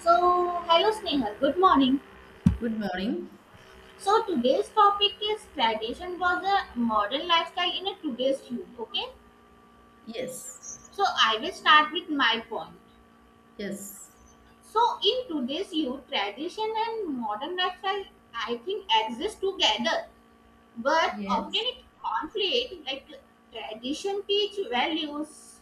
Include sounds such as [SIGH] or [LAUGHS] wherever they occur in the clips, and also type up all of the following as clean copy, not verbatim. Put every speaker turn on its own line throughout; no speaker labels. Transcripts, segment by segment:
So, hello Snehal, good morning.
Good morning.
So, today's topic is tradition was a modern lifestyle in a today's youth, okay?
Yes,
So, I will start with my point.
yes,
So, in today's youth, tradition and modern lifestyle, I think, exist together, but often
yes,
it conflict like tradition teach values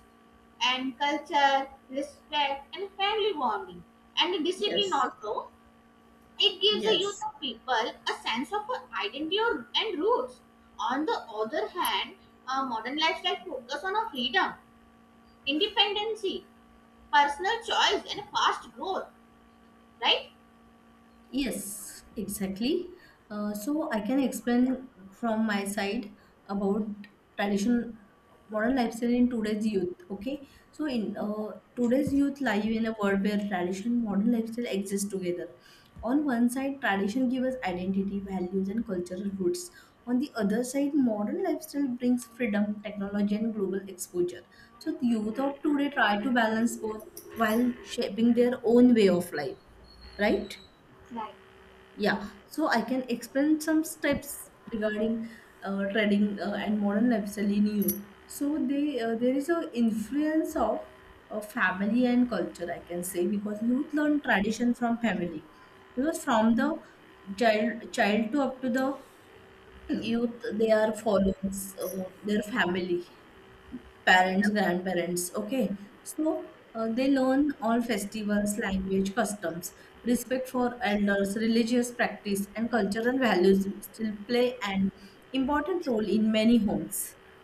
and culture, respect, and family bonding, and discipline
yes,
also. It gives the youth
yes.
of people a sense of identity or, and roots. On the other hand, a modern lifestyle focus on a freedom, independency, personal choice, and fast growth. Right?
Yes, exactly. So I can explain from my side about tradition, modern lifestyle in today's youth. Okay, so in today's youth live in a world where tradition, modern lifestyle exist together. On one side, tradition gives us identity, values, and cultural roots. On the other side, modern lifestyle brings freedom, technology, and global exposure. So the youth of today try to balance both while shaping their own way of life, right?
Right.
Yeah, so I can explain some steps regarding trading and modern lifestyle in youth. So they there is a influence of family and culture, I can say, because youth learn tradition from family. Because from the child to up to the youth, they are follows their family parents, grandparents. Okay, so they learn all festivals, language, customs, respect for elders, religious practice, and cultural values still play an important role in many homes.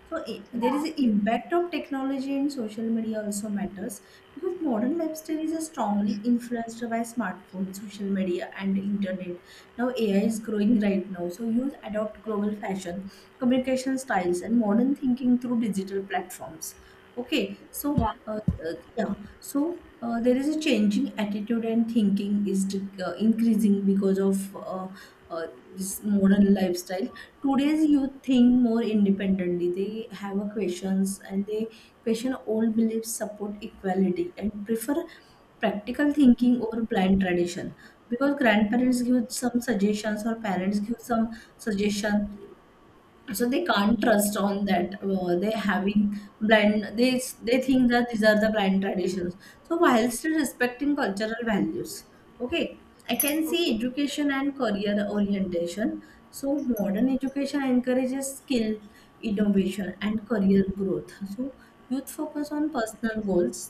So there is
Yeah.
an impact of technology and social media also matters because modern lifestyle is strongly influenced by smartphones, social media, and internet. Now AI is growing right now, so youth adopt global fashion communication styles and modern thinking through digital platforms, okay,
Yeah.
yeah, so there is a changing attitude and thinking is increasing because of uh, this modern lifestyle. Today's youth think more independently. They have a questions and they question all beliefs, support equality, and prefer practical thinking over blind tradition, because grandparents give some suggestions or parents give some suggestion, so they can't trust on that. They having blind, they think that these are the blind traditions, so while still respecting cultural values. Okay, I can see
Okay.
education and career orientation. So modern education encourages skill, innovation, and career growth, so youth focus on personal goals,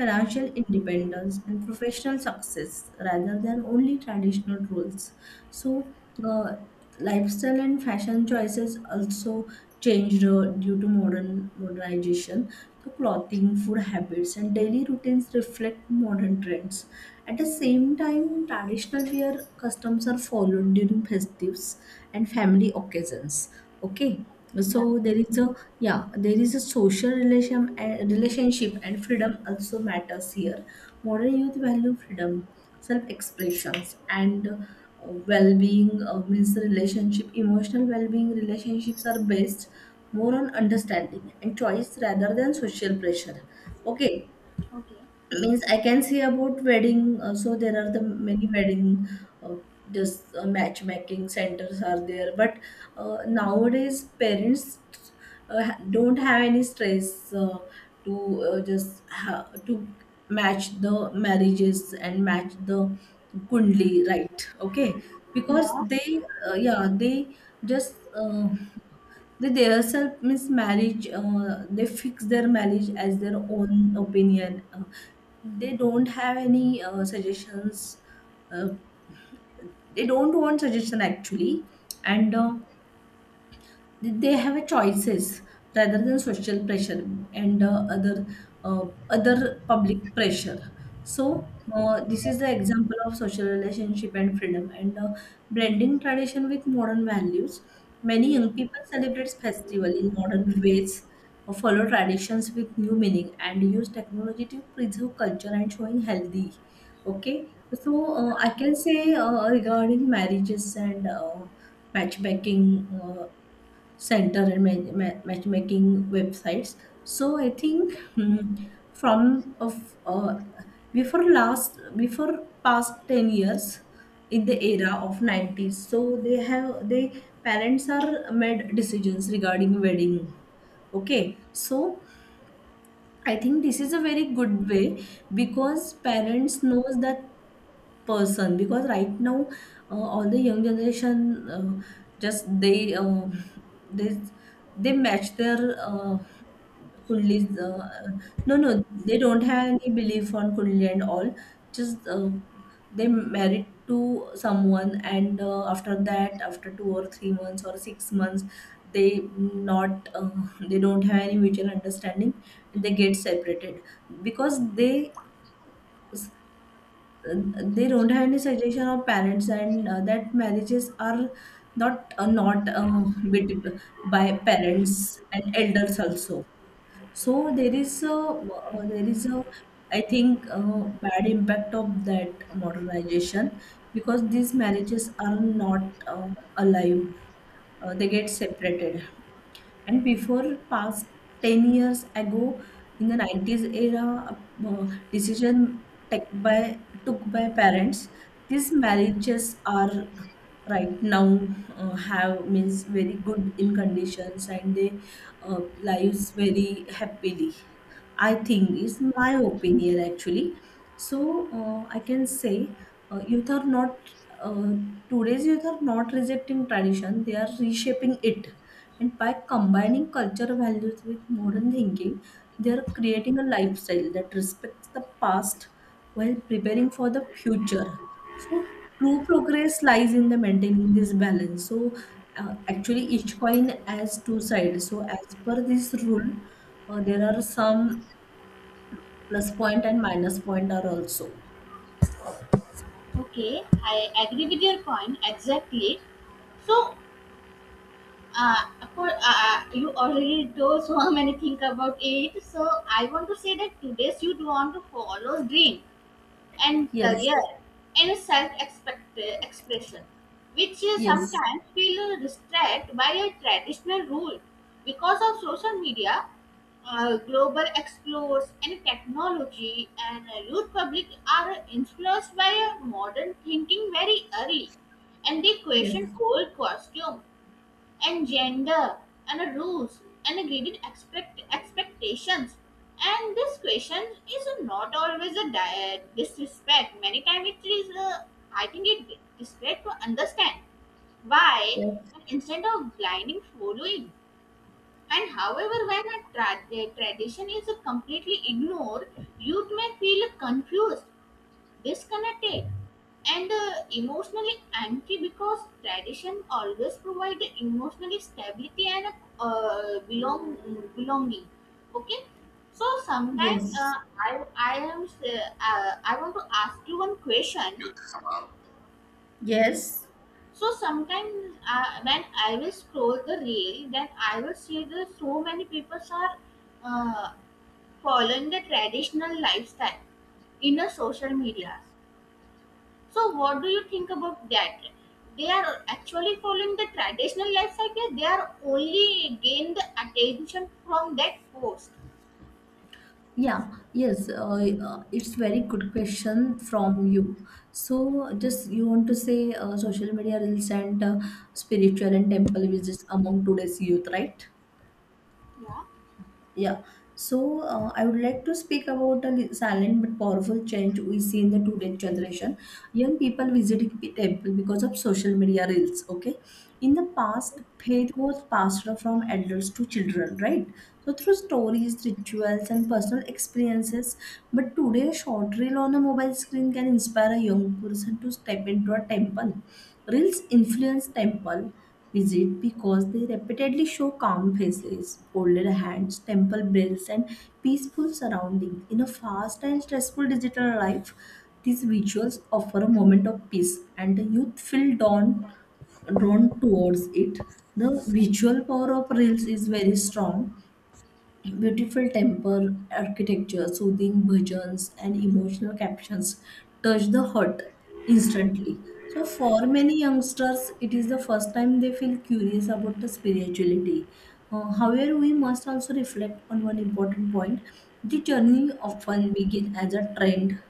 financial independence, and professional success rather than only traditional roles. So uh, lifestyle and fashion choices also changed due to modern modernization. The clothing, food habits, and daily routines reflect modern trends. At the same time, traditional wear customs are followed during festives and family occasions. Okay,
Yeah.
so there is a social relationship and freedom also matters here. Modern youth value freedom, self expressions, and well being, means the relationship. Emotional well being relationships are based more on understanding and choice rather than social pressure. Okay,
Okay.
means I can see about wedding. So there are the many wedding, uh, just matchmaking centers are there. But nowadays parents don't have any stress to match the marriages and match the kundli, right? Okay, because
Yeah.
they yeah, they just. They themselves miss marriage, they fix their marriage as their own opinion, they don't have any suggestions, uh, they don't want suggestion actually, and they have a choices rather than social pressure and other public pressure. So this is the example of social relationship and freedom, and blending tradition with modern values, many young people celebrate festival in modern ways, follow traditions with new meaning, and use technology to preserve culture and showing healthy. Okay, so I can say regarding marriages and matchmaking uh, center and matchmaking websites. So I think hmm, from of before last before past 10 years in the era of 90s, so they parents are made decisions regarding wedding. Okay, so I think this is a very good way because parents knows that person, because right now all the young generation, just they they match their uh, kundlis, no, no, they don't have any belief on kundli and all, just they married to someone, and after 2 or 3 months or 6 months, they not uh, they don't have any mutual understanding, they get separated because uh, they don't have any suggestion of parents, and that marriages are not with- by parents and elders also. So there is a, I think, bad impact of that modernization because these marriages are not alive, they get separated. And before past 10 years ago, in the 90s era, decision took by parents, these marriages are right now have means very good in conditions, and they lives very happily, I think, is my opinion actually. So I can say youth are not uh, today's youth are not rejecting tradition; they are reshaping it, and by combining cultural values with modern thinking, they are creating a lifestyle that respects the past while preparing for the future. So true progress lies in the maintaining this balance. So actually each coin has two sides, so as per this rule there are some plus point and minus point are also.
Okay, I agree with your point exactly. So, uh, for, you already told so [LAUGHS] many things about it. So, I want to say that today's youth want to follow dream and
Yes.
career and self expression, which is
Yes.
sometimes feel restricted by a traditional rule. Because of social media, global explorers and technology and youth public are influenced by a modern thinking very early, and they
Yes.
question old costumes and gender and a rules and a graded expectations, and this question is not always a disrespect. Many times it is a, I think it disrespect to understand why,
Yes.
and instead of blinding following. And however, when a tradition is completely ignored, youth may feel confused, disconnected, and emotionally empty because tradition always provide emotional stability and uh, belong belonging. Okay, so sometimes
Yes.
I want to ask you one question.
Yes.
So sometimes when I will scroll the reel, then I will see that so many people are uh, following the traditional lifestyle in the social media. So what do you think about that? They are actually following the traditional life cycle. They are only gain the attention from that post.
Yeah, yes, it's very good question from you. So, just you want to say social media reels and spiritual and temple visits among today's youth, right?
Yeah,
Yeah. So I would like to speak about a silent but powerful change we see in the today generation. Young people visiting temple because of social media reels. Okay. In the past, faith was passed on from elders to children, right? So through stories, rituals, and personal experiences. But today, a short reel on a mobile screen can inspire a young person to step into a temple. Reels influence temple, is it because they repeatedly show calm faces, folded hands, temple bells, and peaceful surroundings in a fast and stressful digital life? These rituals offer a moment of peace, and the youth feel drawn towards it. The visual power of reels is very strong. Beautiful temple architecture, soothing bhajans, and emotional captions touch the heart instantly. So, for many youngsters, it is the first time they feel curious about the spirituality. However, we must also reflect on one important point. The journey often begins as a trend.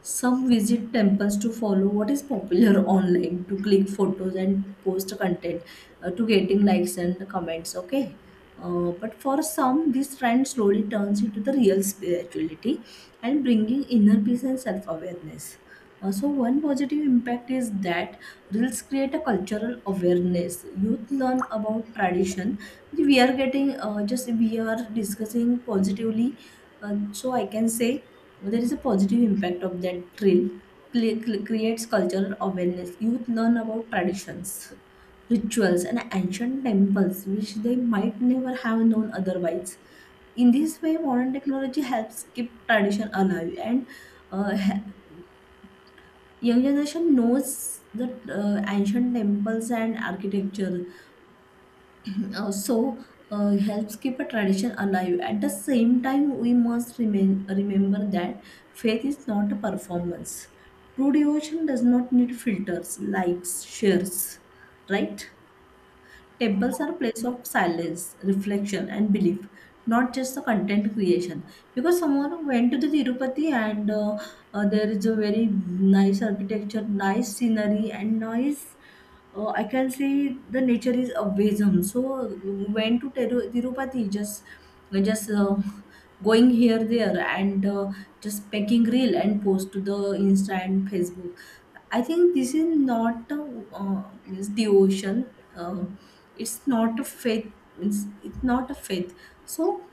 Some visit temples to follow what is popular [LAUGHS] online, to click photos and post content, to getting likes and comments. Okay, but for some, this trend slowly turns into the real spirituality and bringing inner peace and self awareness. So one positive impact is that reels create a cultural awareness. Youth learn about tradition. We are getting just we are discussing positively. So I can say there is a positive impact of that drill. Creates cultural awareness. Youth learn about traditions, rituals, and ancient temples, which they might never have known otherwise. In this way, modern technology helps keep tradition alive, and uh, he- young generation knows the ancient temples and architecture, uh, so helps keep a tradition alive. At the same time, we must remember that faith is not a performance. True devotion does not need filters, likes, shares, right? Temples are a place of silence, reflection, and belief, not just the content creation. Because someone went to the Tirupati, and there is a very nice architecture, nice scenery, and nice. I can say the nature is amazing. So went to Tirupati, just going here there, and just packing reel and post to the Insta and Facebook. I think this is not a, means the ocean. It's not a faith. Means it's not a faith. So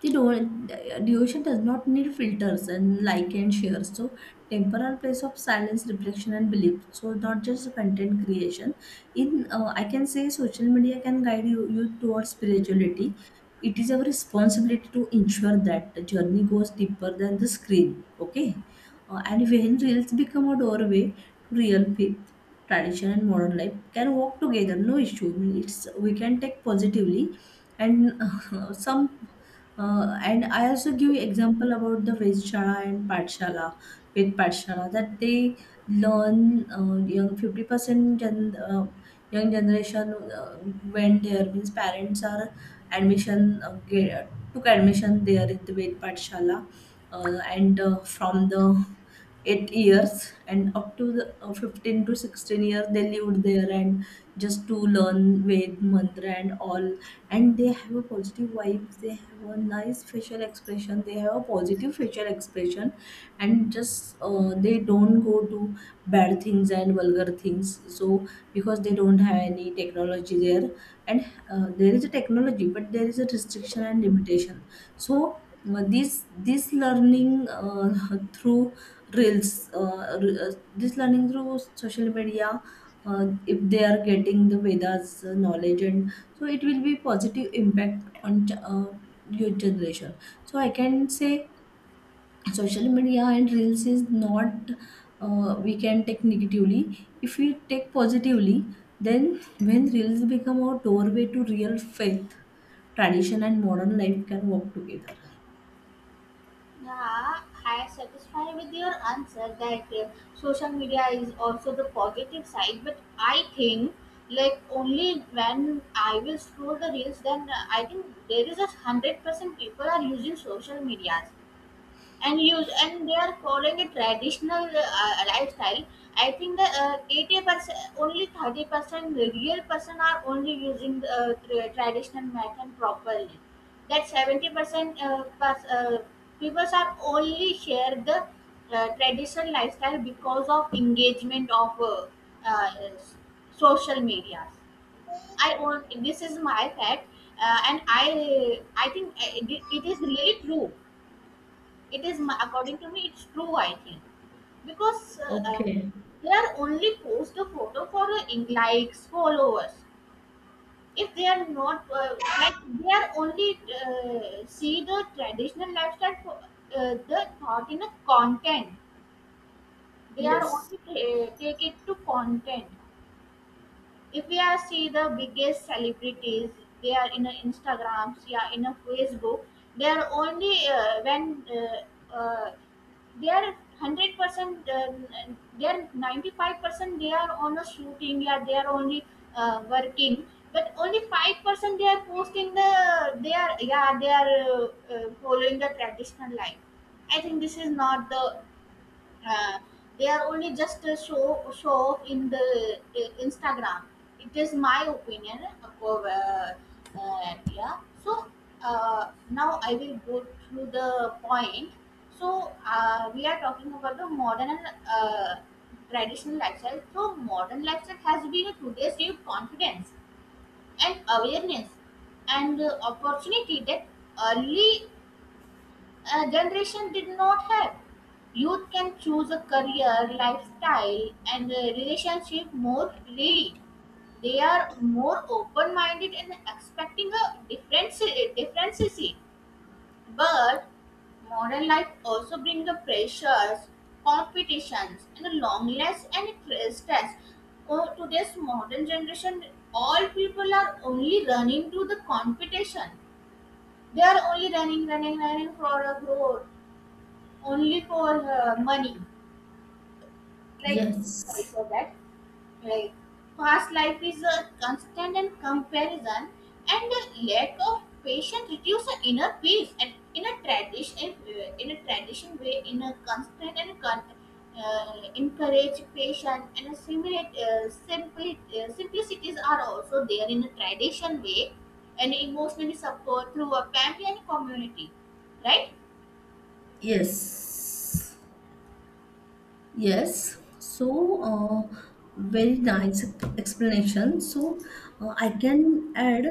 the duration does not need filters and like and share. So, temporal place of silence, reflection, and belief. So, not just content creation. In I can say social media can guide you towards spirituality. It is our responsibility to ensure that the journey goes deeper than the screen. Okay, and when reels become a doorway to real faith, tradition, and modern life, can walk together. No issue. I mean, it's we can take positively and [LAUGHS] some and I also give you example about the Vedshala and Patshala, Ved Patshala, that they learn, young 50% young generation went there. Means parents are took admission there in the Ved Patshala, and from the 8 years and up to the 15 to 16 years they lived there, and just to learn Ved mantra and all. And they have a positive vibes, they have a nice facial expression, they have a positive facial expression. And just, they don't go to bad things and vulgar things. So, because they don't have any technology there. And there is a technology, but there is a restriction and limitation. So, this learning, [LAUGHS] through reels re- this learning through social media, if they are getting the vedas, knowledge, and so it will be positive impact on, uh, your generation. So I can say social media and reels is not, we can take negatively. If we take positively, then when reels become our doorway to real faith, tradition and modern life can work together.
yeah, I am satisfied with your answer that social media is also the positive side, but I think like only when I will scroll the reels, then I think there is 100% people are using social medias. And you, and they are following a traditional lifestyle. I think that 80%, only 30% real person are only using the traditional method properly. That 70% people are only share the traditional lifestyle because of engagement of uh, s- social medias. I own this is my fact. And I think it, it is really true. It is my, according to me it's true, I think. Because
Okay.
they are only post a photo for likes followers. If they are not like, they are only see the traditional lifestyle for, the thought in a content. They are
Yes.
only take it to content. If we are see the biggest celebrities, they are in a instagrams, yeah, in a facebook. They are only when they are 100%, they are 95%, they are on a shooting, yeah, they are only working. But only 5% they are posting the, they are, yeah, they are following the traditional life. I think this is not the uh, they are only just a show off in the Instagram. It is my opinion. Yeah. So now I will go through the point. So we are talking about the modern and traditional lifestyle. So modern lifestyle has been today's new confidence and awareness and opportunity that early generation did not have. Youth can choose a career, lifestyle, and a relationship more freely. They are more open-minded and differences. But modern life also brings the pressures, competitions, and loneliness and stress. Oh, today's modern generation, all people are only running to the competition. They are only running, running, running for a growth, only for money. Like, sorry
Yes,
for that. Like, fast life is a constant and comparison, and the lack of patience reduce the inner peace. And in a tradition way, in a constant and encourage patience and assimilate simple simplicities are also there in a tradition way, and emotionally support through a family and community, right?
yes, yes. So, uh, very nice explanation. So, I can add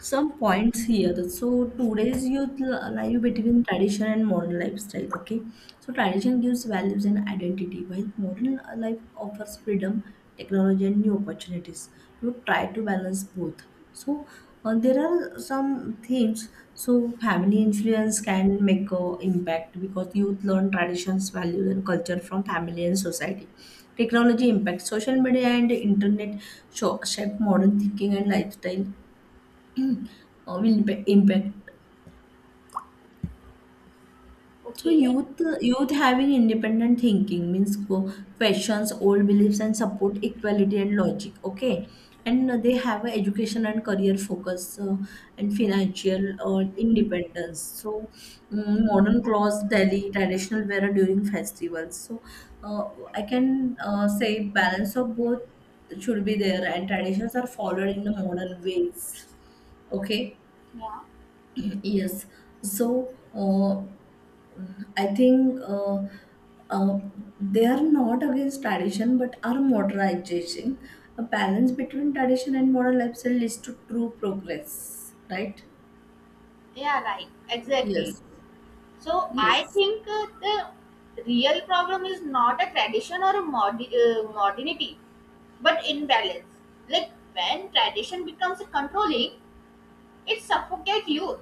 some points here. So today's youth lie between tradition and modern lifestyle. Okay, so tradition gives values and identity, while modern life offers freedom, technology, and new opportunities. You try to balance both. So there are some themes. So family influence can make a impact, because youth learn traditions, values, and culture from family and society. Technology impact, social media and internet shape modern thinking and lifestyle, uh, will impact. So
Okay.
youth having independent thinking means questions old beliefs and support equality and logic. Okay, and they have a education and career focus, and financial independence. So, mm, modern clothes, daily traditional wear during festivals. So uh, I can say balance of both should be there, and traditions are followed in the modern ways. Okay.
Yeah.
Yes. So I think, uh, they are not against tradition, but are modernization. A balance between tradition and modern lifestyle leads to true progress, right?
Yeah, right. Exactly.
Yes.
So I
Yes.
think the real problem is not a tradition or a modernity, but imbalance. Like when tradition becomes controlling, it suffocates youth,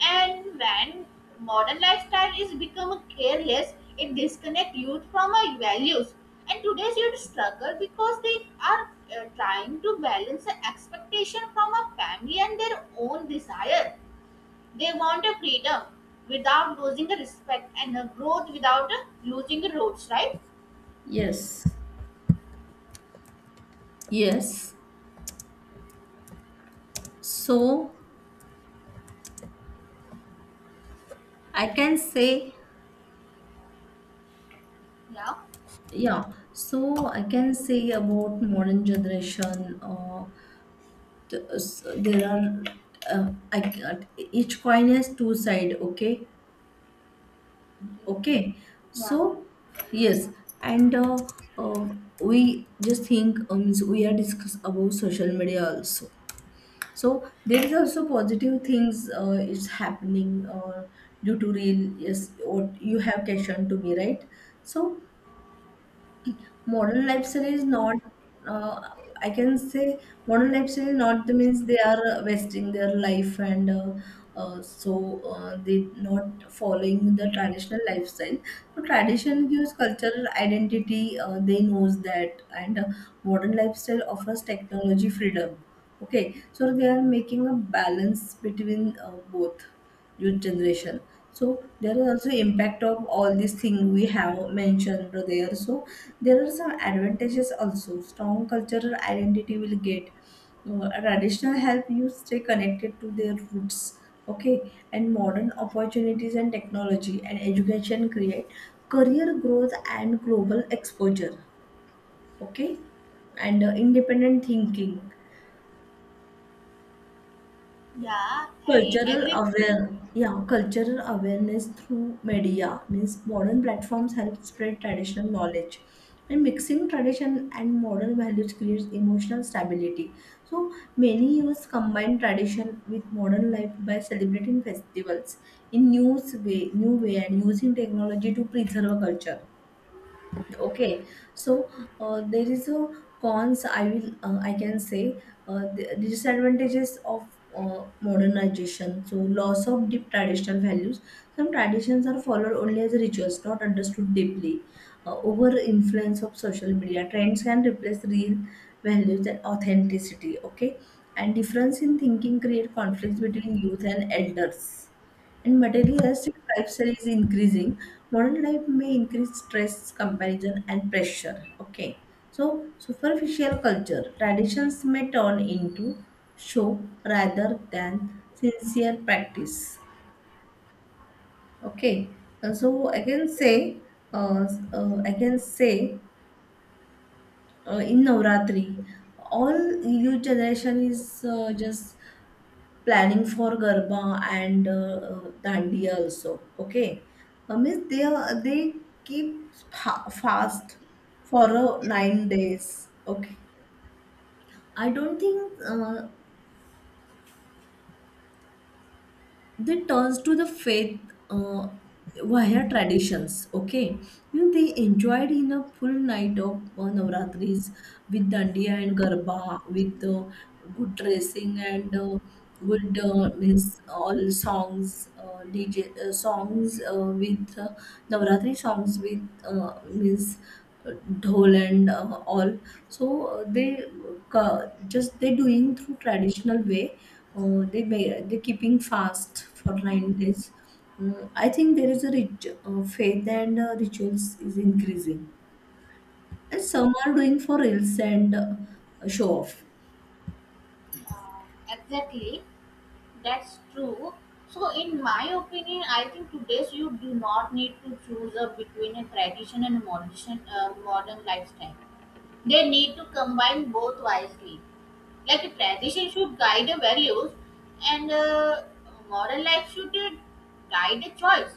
and when modern lifestyle is become careless, it disconnects youth from our values. And today's youth struggle because they are trying to balance the expectation from a family and their own desire. They want a freedom without losing the respect and a growth without a losing the roots, right?
Yes. Yes. So I can say,
Yeah.
yeah. So I can say about modern generation. There are, I can't, each coin has two side. Okay,
Okay.
okay.
Yeah.
So, yes. And, uh, we just think, means we are discuss about social media also. So there is also positive things, is happening, due to real, yes, what you have question to me, right? So modern lifestyle is not, uh, I can say modern lifestyle is not the means they are wasting their life and, so they not following the traditional lifestyle. So tradition gives cultural identity, they knows that. And modern lifestyle offers technology freedom. Okay, so they are making a balance between both, youth generation. So there is also impact of all these things we have mentioned there. So there are some advantages also. Strong cultural identity will get. Traditional help you stay connected to their roots. Okay, and modern opportunities and technology and education create career growth and global exposure. Okay, and independent thinking,
Yeah, I
cultural
agree with your
aware,
point.
yeah, cultural awareness through media, means modern platforms help spread traditional knowledge, and mixing tradition and modern values creates emotional stability. So many youths combine tradition with modern life by celebrating festivals in new way, and using technology to preserve culture. Okay, so there is a cons, I will, I can say, the disadvantages of modernization. So, loss of deep traditional values. Some traditions are followed only as rituals, not understood deeply. Over influence of social media, trends can replace real values and authenticity. Okay, and difference in thinking create conflicts between youth and elders, and materialistic lifestyle is increasing. Modern life may increase stress, comparison, and pressure. Okay, so superficial culture, traditions may turn into show rather than sincere practice. Okay. So I can say, uh, I can say, in Navratri, all youth generation is, just planning for garba and, dandiya also. Okay, I mean they keep fast for 9 days. Okay, I don't think they turns to the faith uh, via traditions. Okay, you know, they enjoyed in a full night of navratris with dandiya and garba with, good dressing, and good, means, all songs, DJ, songs, with navratri songs with, means, uh, dhol, and all. So they, just they doing through traditional way. Oh, they keeping fast for 9 days. Mm, I think there is a rich, faith, and rituals is increasing, and some are doing for reels and, show off.
Yeah, exactly. That's true. So, in my opinion, I think today's you do not need to choose a between a tradition and a modern lifestyle. They need to combine both wisely. Like a tradition should guide the values and moral life should guide the choice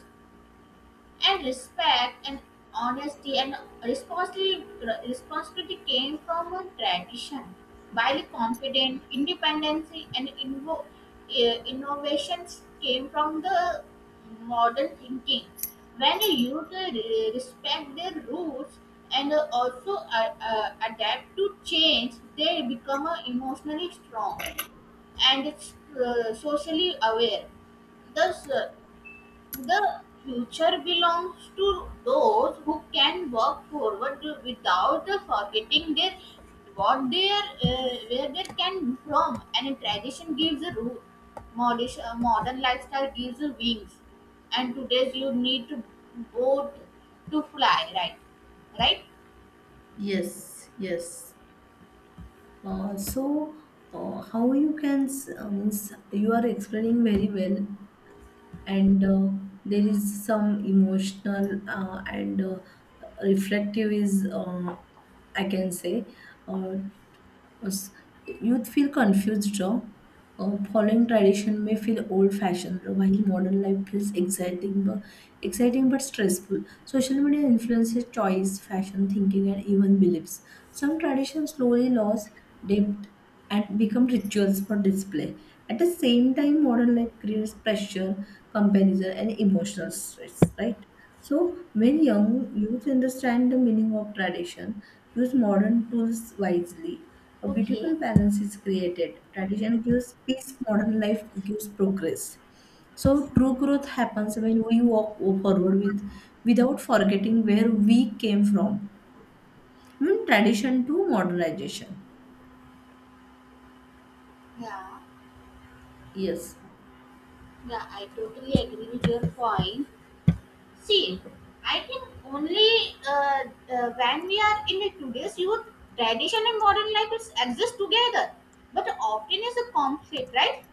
and respect and honesty and responsibility, responsibility came from a tradition, while confidence independence and innovations came from the modern thinking. When a youth respect their roots and eh, also adapt to change, they become emotionally strong and it's, socially aware. Thus the future belongs to those who can work forward without forgetting their what they are, where they can from, and a tradition gives a root. Modern lifestyle gives a wings, and today's you need to boat to fly, right? Right?
Yes, yes. So, how you can means, you are explaining very well, and there is some emotional, and reflective is, I can say. Uh, Us- Youth feel confused, Joe. Following tradition may feel old-fashioned, while modern life feels exciting, but stressful. Social media influences choice, fashion, thinking, and even beliefs. Some traditions slowly lose depth and become rituals for display. At the same time, modern life creates pressure, comparison, and emotional stress, right? So, when young youth understand the meaning of tradition, use modern tools wisely, a
Okay.
beautiful balance is created. Tradition gives peace, modern life gives progress. So, true growth happens when we walk forward without forgetting where we came from. From tradition to modernization.
Yeah,
Yes.
yeah, I totally agree with your point. See, I think only uh, when we are in the today's youth, tradition and modern life is exist together, but often is a conflict, right?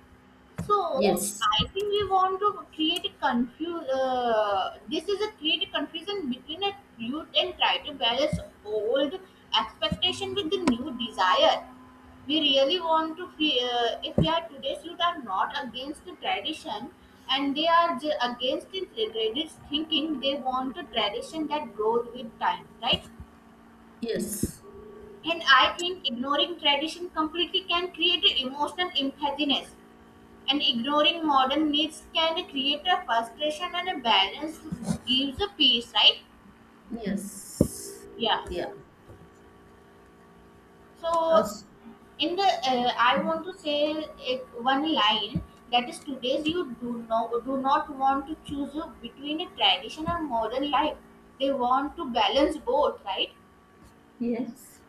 So
Yes.
I think we want to create a This is a create a confusion between a youth and try to balance old expectation with the new desire. We really want to feel if we are today's youth are not against the tradition, and they are against the regretted thinking. They want a tradition that grows with time, right?
Yes,
And I think ignoring tradition completely can create a emotional emptiness, and ignoring modern needs can create a frustration, and a balance gives a peace, right?
yes,
Yeah.
yeah,
So,
us,
in the I want to say it one line, that is today's you do not want to choose between a tradition and modern life. They want to balance both, right?
Yes.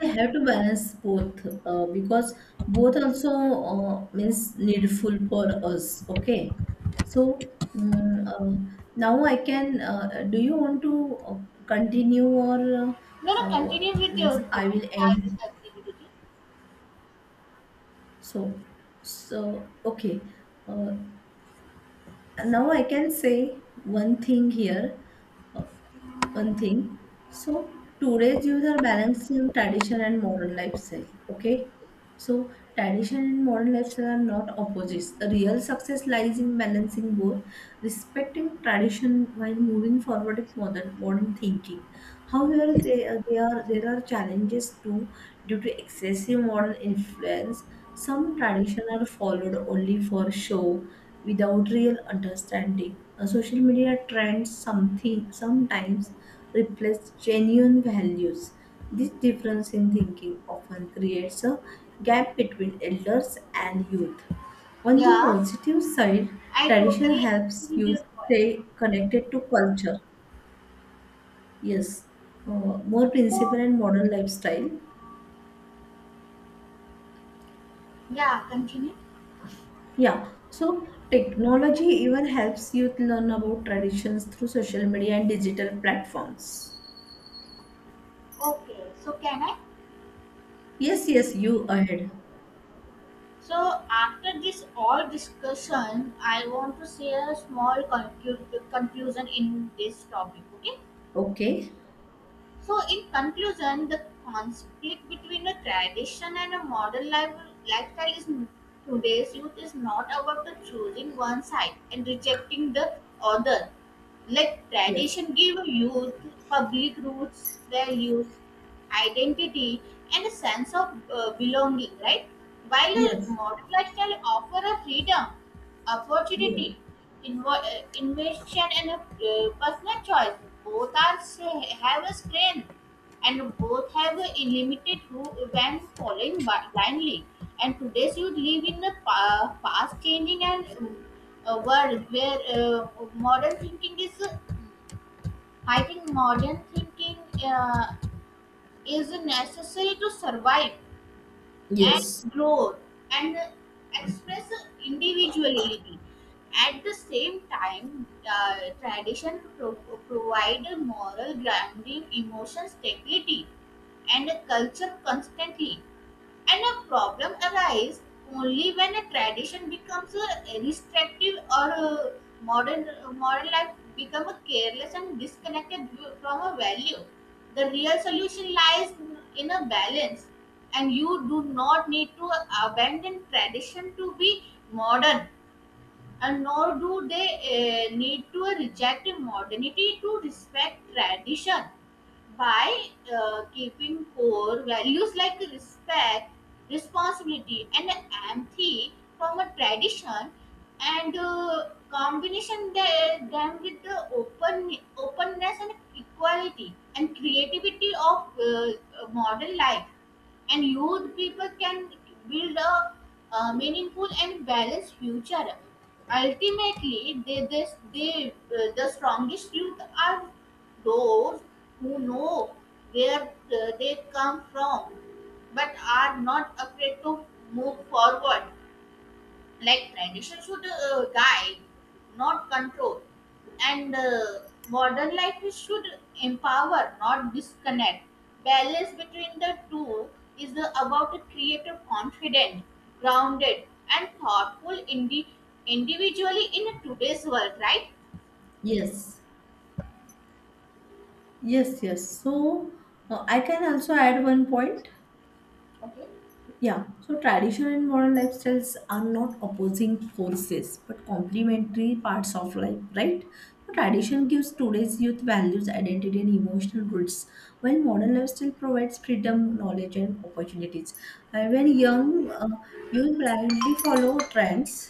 They have to balance both, because both also, means, needful for us. Okay, so, mm, now I can. Do you want to continue, or
No, no. Continue with
means
your
I
point.
will
I
end?
will agree with you.
So, okay. Uh, Now I can say one thing here, one thing. So today's youth are balancing tradition and modern lifestyle. Okay. So tradition and modern lifestyle are not opposites. The real success lies in balancing both, respecting tradition while moving forward with modern thinking. However, they are there are challenges too due to excessive modern influence. Some tradition are followed only for show without real understanding. Social media trends something sometimes replace genuine values. This difference in thinking often creates a gap between elders and youth. On the
Yeah,
positive side,
I
tradition
totally
helps
agree with your
youth
point.
stay connected to culture. Yes, more
So,
principle and modern lifestyle.
yeah, continue.
Yeah, so technology even helps youth learn about traditions through social media and digital platforms.
Okay, so can I?
Yes, yes, you ahead.
So after this all discussion, I want to say a small conclusion in this topic. Okay.
Okay.
So, in conclusion, the conflict between a tradition and a modern lifestyle is today's youth is not about the choosing one side and rejecting the other. Let
Yes.
tradition give youth public roots, values, identity, and a sense of belonging, right? While a
Yes.
modern lifestyle offer a freedom
Yes.
opportunity, invention, and personal choice. Both are have a strength, and both have a limited who when following blindly. And today's youth live in a fast-changing and a world where modern thinking is. I think modern thinking uh, is necessary to survive and
Yes.
growth and express individuality. At the same time, tradition provide moral grounding, emotional stability, and culture constantly. And a problem arises only when a tradition becomes a restrictive or a modern modern life becomes careless and disconnected from a value. The real solution lies in a balance, and you do not need to abandon tradition to be modern, and nor do they need to reject modernity to respect tradition by keeping core values like respect, responsibility, and empathy from a tradition and them with the open openness and equality and creativity of modern life, and youth people can build a meaningful and balanced future. Ultimately they this they the strongest youth are those who know where they come from, but are not afraid to move forward. Like tradition should guide, not control, and modern life should empower, not disconnect. Balance between the two is the, about a creative confident grounded and thoughtful individually in today's world, right?
Yes. Yes, yes. So I can also add one point.
Okay.
Yeah. So tradition and modern lifestyles are not opposing forces, but complementary parts of life, right? So tradition gives today's youth values, identity, and emotional roots, while modern lifestyle provides freedom, knowledge, and opportunities. And when young, you blindly follow trends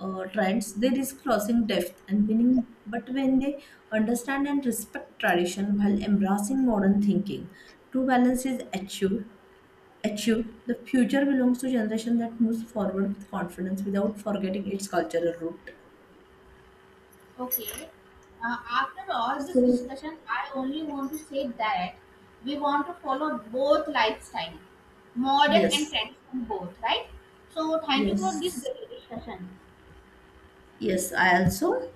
uh, trends, they risk losing depth and meaning. But when they understand and respect tradition while embracing modern thinking, true balance is achieved. The future belongs to generation that moves forward with confidence without forgetting its cultural root.
Okay. After all this
So
discussion, I only want to say that we want to follow both lifestyle, modern and
yes,
traditional both, right? So thank you for this
yes,
discussion.
yes. I also